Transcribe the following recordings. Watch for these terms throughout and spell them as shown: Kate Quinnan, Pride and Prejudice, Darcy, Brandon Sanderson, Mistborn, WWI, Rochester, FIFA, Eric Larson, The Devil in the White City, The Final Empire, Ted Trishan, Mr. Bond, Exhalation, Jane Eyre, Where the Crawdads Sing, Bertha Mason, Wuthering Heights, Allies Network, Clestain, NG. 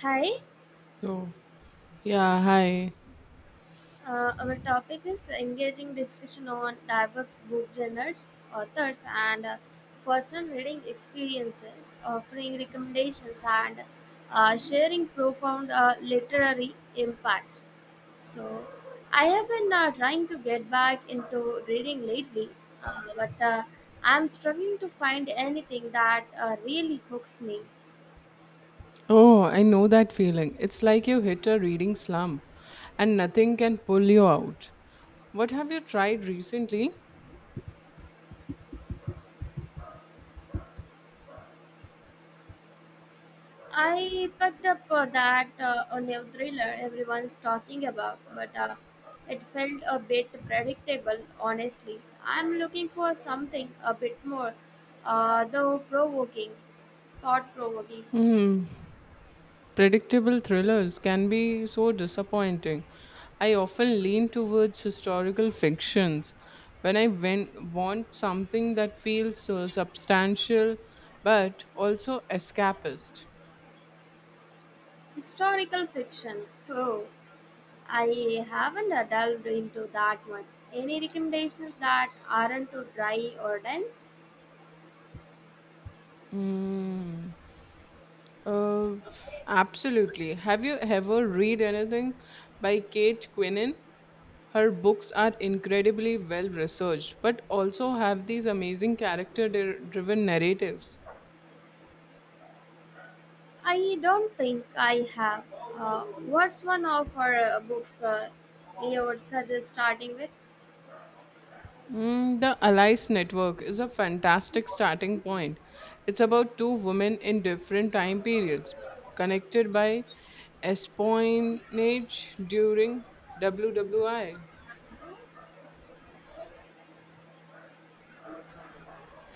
Hi, So, yeah, hi. Our topic is engaging discussion on diverse book genres, authors, and personal reading experiences, offering recommendations, and sharing profound literary impacts. So, I have been trying to get back into reading lately, but I'm struggling to find anything that really hooks me. Oh, I know that feeling. It's like you hit a reading slump and nothing can pull you out. What have you tried recently? I picked up that a new thriller everyone's talking about, but it felt a bit predictable, honestly. I'm looking for something a bit more, uh, though provoking, thought provoking. Hmm. Predictable thrillers can be so disappointing. I often lean towards historical fictions when I want something that feels so substantial but also escapist. Historical fiction. Oh, I haven't delved into that much. Any recommendations that aren't too dry or dense? Hmm. Uh, Absolutely. Have you ever read anything by Kate Quinnan? Her books are incredibly well researched, but also have these amazing driven narratives. I don't think I have. Uh, what's one of our books you would suggest starting with? Mm, the Allies Network is a fantastic starting point. It's about two women in different time periods connected by espionage during WWI.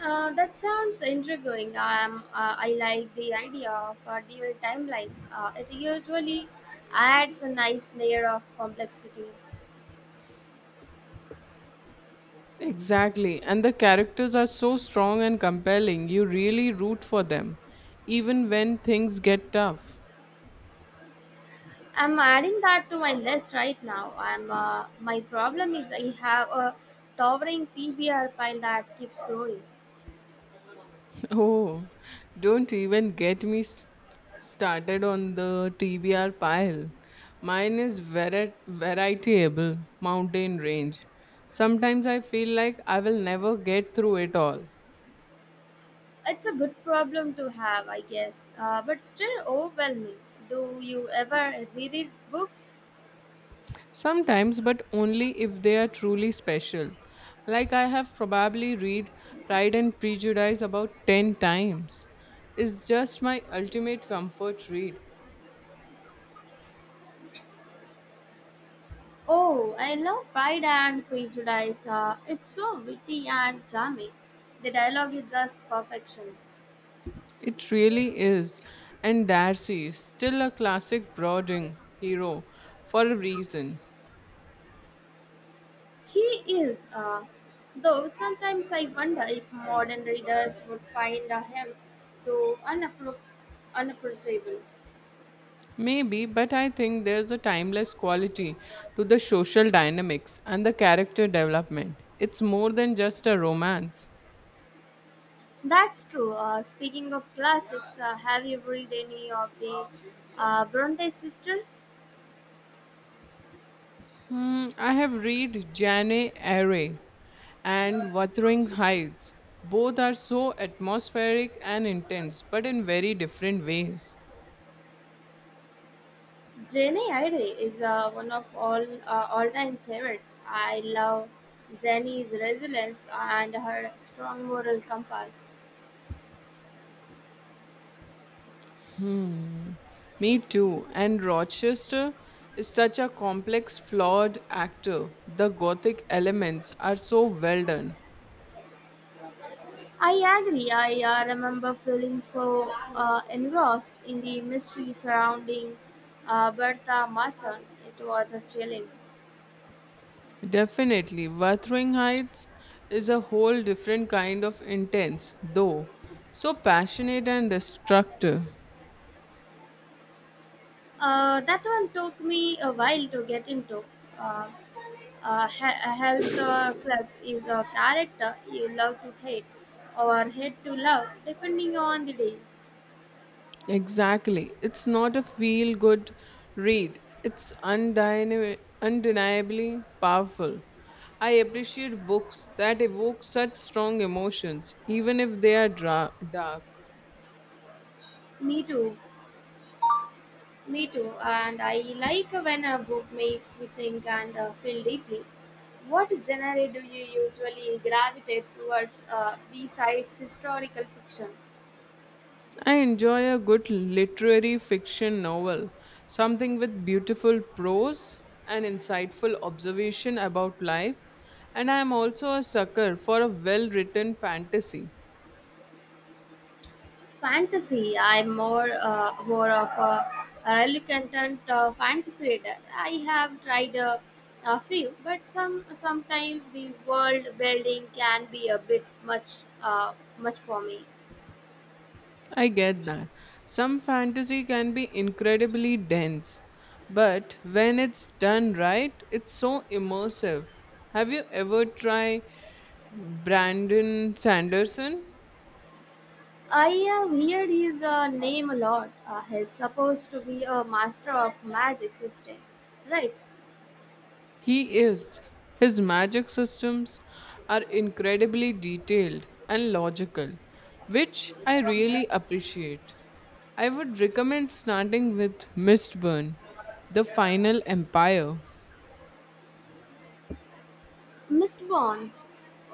That sounds intriguing. I am. I like the idea of dual timelines. It usually adds a nice layer of complexity. Exactly. And the characters are so strong and compelling, you really root for them, even when things get tough. I'm adding that to my list right now. I'm. My problem is I have a towering TBR pile that keeps growing. Oh, don't even get me st- started on the TBR pile. Mine is very variable mountain range. Sometimes I feel like I will never get through it all. It's a good problem to have, I guess, but still overwhelming. Do you ever reread books? Sometimes, but only if they are truly special. Like I have probably read Pride and Prejudice about 10 times. It's just my ultimate comfort read. Oh, I love Pride and Prejudice. It's so witty and charming. The dialogue is just perfection. It really is. And Darcy is still a classic brooding hero for a reason. He is, though sometimes I wonder if modern readers would find him too unappro- unapproachable. Maybe, but I think there's a timeless quality to the social dynamics and the character development. It's more than just a romance. That's true. Speaking of classics, have you read any of the Bronte sisters? Hmm, I have read Jane Eyre and Wuthering Heights. Both are so atmospheric and intense, but in very different ways. Jenny Eyre is one of all all-time favorites. I love Jenny's resilience and her strong moral compass. Hmm, me too. And Rochester is such a complex, flawed actor. The gothic elements are so well done. I agree. I remember feeling so engrossed in the mystery surrounding Bertha Mason. It was chilling. Definitely, Wuthering Heights is a whole different kind of intense, though so passionate and destructive. That one took me a while to get into. Uh, a health club is a character you love to hate or hate to love, depending on the day. Exactly. It's not a feel good read, it's undeniably powerful. I appreciate books that evoke such strong emotions, even if they are dark. Me too, me too. And I like when a book makes me think and feel deeply. What genre do you usually gravitate towards besides historical fiction? I enjoy a good literary fiction novel, something with beautiful prose and insightful observation about life. And I am also a sucker for a well written fantasy. Fantasy. I'm more of a reluctant fantasy reader. I have tried a few, but sometimes the world building can be a bit much for me. I get that. Some fantasy can be incredibly dense, but when it's done right, it's so immersive. Have you ever tried Brandon Sanderson? I have heard his name a lot. He's supposed to be a master of magic systems, right? He is. His magic systems are incredibly detailed and logical, which I really appreciate. I would recommend starting with Mistborn, The Final Empire. Mr. Bond.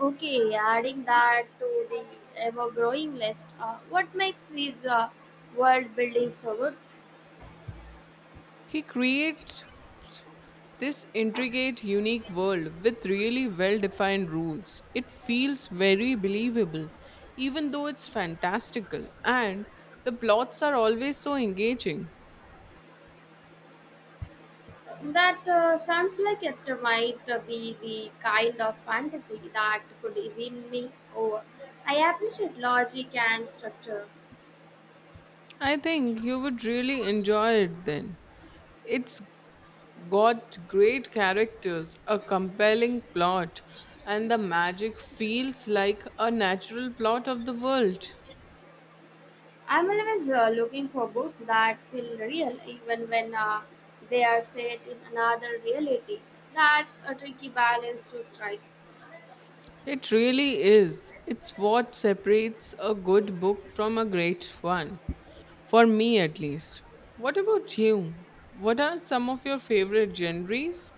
Okay, adding that to the ever growing list, what makes his world building so good? He creates this intricate, unique world with really well defined rules. It feels very believable, even though it's fantastical, and the plots are always so engaging. That sounds like it might be the kind of fantasy that could win me over. I appreciate logic and structure. I think you would really enjoy it then. It's got great characters, a compelling plot, and the magic feels like a natural plot of the world. I'm always looking for books that feel real, even when they are set in another reality. That's a tricky balance to strike. It really is. It's what separates a good book from a great one, for me at least. What about you? What are some of your favorite genres?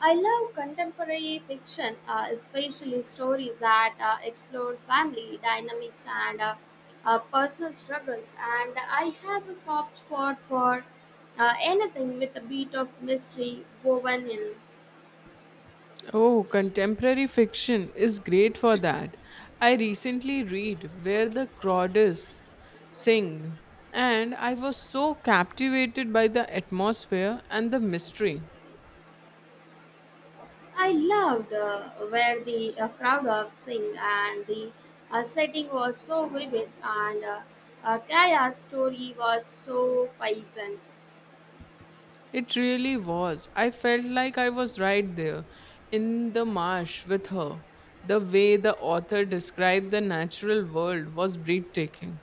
I love contemporary fiction, especially stories that explore family dynamics and personal struggles. And I have a soft spot for anything with a bit of mystery woven in. Oh, contemporary fiction is great for that. I recently read Where the Crawdads Sing, and I was so captivated by the atmosphere and the mystery. I loved where the crowd of sing and the setting was so vivid and Kaya's story was so pungent. It really was. I felt like I was right there in the marsh with her. The way the author described the natural world was breathtaking.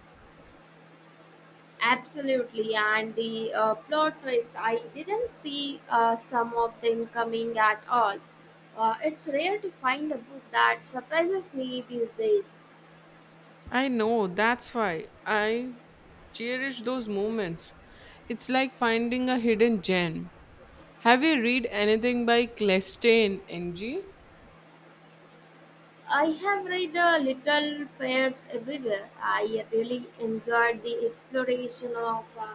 Absolutely, and the plot twist I didn't see some of them coming at all. It's rare to find a book that surprises me these days. I know, that's why I cherish those moments. It's like finding a hidden gem. Have you read anything by Clestain, NG? I have read Little Fairs Everywhere. I really enjoyed the exploration of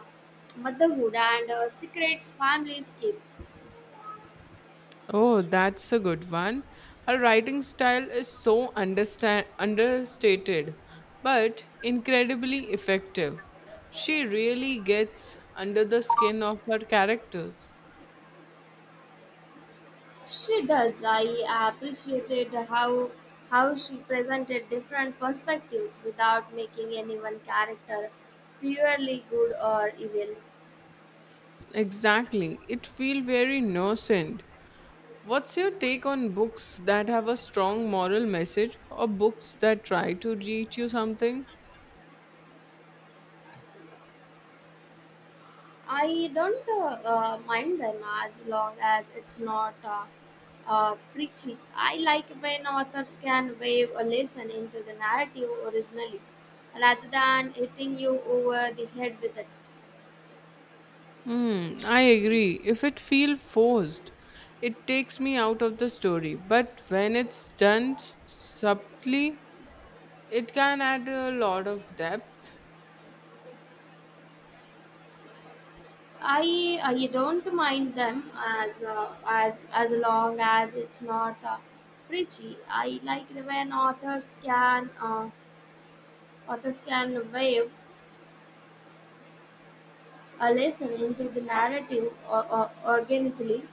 motherhood and secrets families keep. Oh, that's a good one. Her writing style is so understated, but incredibly effective. She really gets under the skin of her characters. She does. I appreciated how she presented different perspectives without making any one character purely good or evil. Exactly. It feels very innocent. What's your take on books that have a strong moral message or books that try to teach you something? I don't mind them as long as it's not preachy. I like when authors can wave a lesson into the narrative originally rather than hitting you over the head with it. Hmm, I agree. If it feels forced, it takes me out of the story. But when it's done subtly, it can add a lot of depth. I don't mind them as as long as it's not preachy. I like when authors can wave a lesson into the narrative or organically.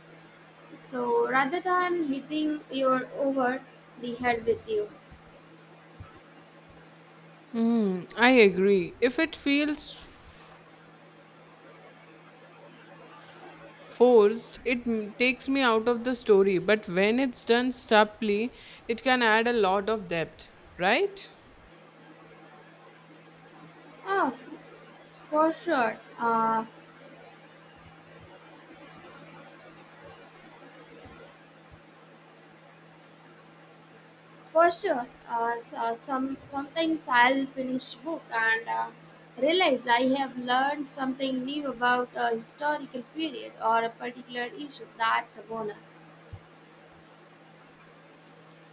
So rather than hitting your over the head with you, Hmm, I agree. If it feels forced, it takes me out of the story. But when it's done subtly, it can add a lot of depth, right? ah, f- for sure. Uh, For sure. So, sometimes I'll finish book and realize I have learned something new about a historical period or a particular issue. That's a bonus.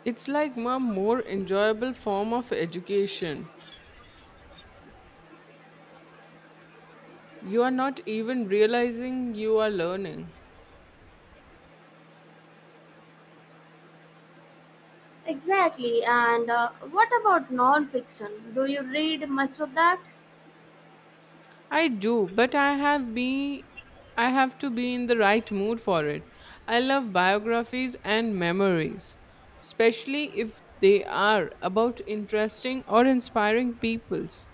It's like a more enjoyable form of education. You are not even realizing you are learning. Exactly. And what about non-fiction? Do you read much of that? I do, but I have to be in the right mood for it. I love biographies and memories, especially if they are about interesting or inspiring peoples.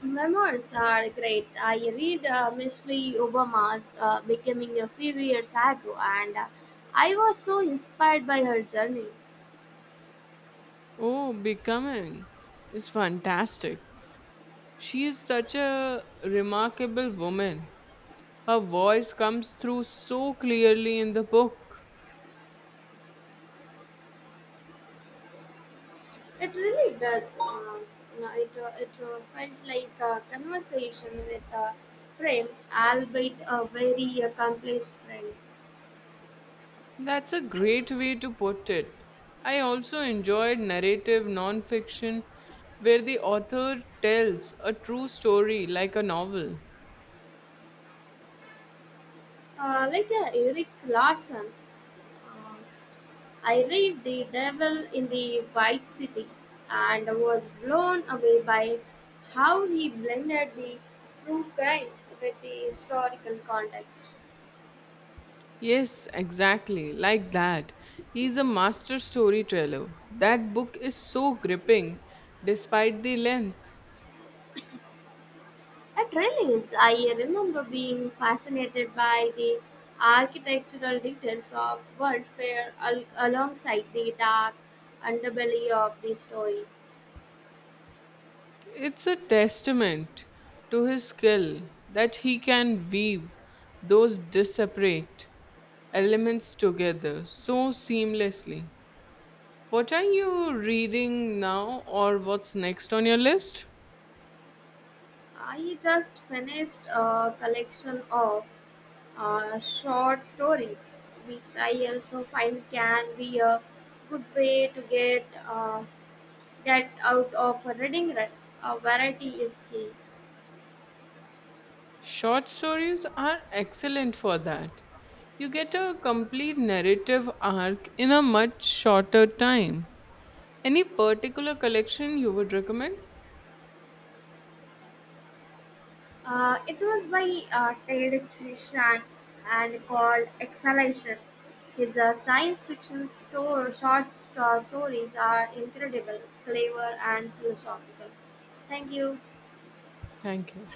Memoirs are great. I read mostly Obama's Becoming a Few Years Ago, and I was so inspired by her journey. Oh, becoming is fantastic. She is such a remarkable woman. Her voice comes through so clearly in the book. It really does. You know, it felt like a conversation with a friend, albeit a very accomplished friend, That's a great way to put it. I also enjoyed narrative nonfiction where the author tells a true story like a novel. Like Eric Larson. Um, I read The Devil in the White City and was blown away by how he blended the true crime with the historical context. Yes, exactly, like that. He's a master storyteller. That book is so gripping despite the length. It really is. I remember being fascinated by the architectural details of alongside the dark underbelly of the story. It's a testament to his skill that he can weave those disparate elements together so seamlessly. What are you reading now, or what's next on your list? I just finished a collection of short stories, which I also find can be a good way to get that out of a reading rut. A variety is key. Short stories are excellent for that. You get a complete narrative arc in a much shorter time. Any particular collection you would recommend? It was by Ted Trishan and called Exhalation. His science fiction short stories are incredible, clever, and philosophical. Thank you. Thank you.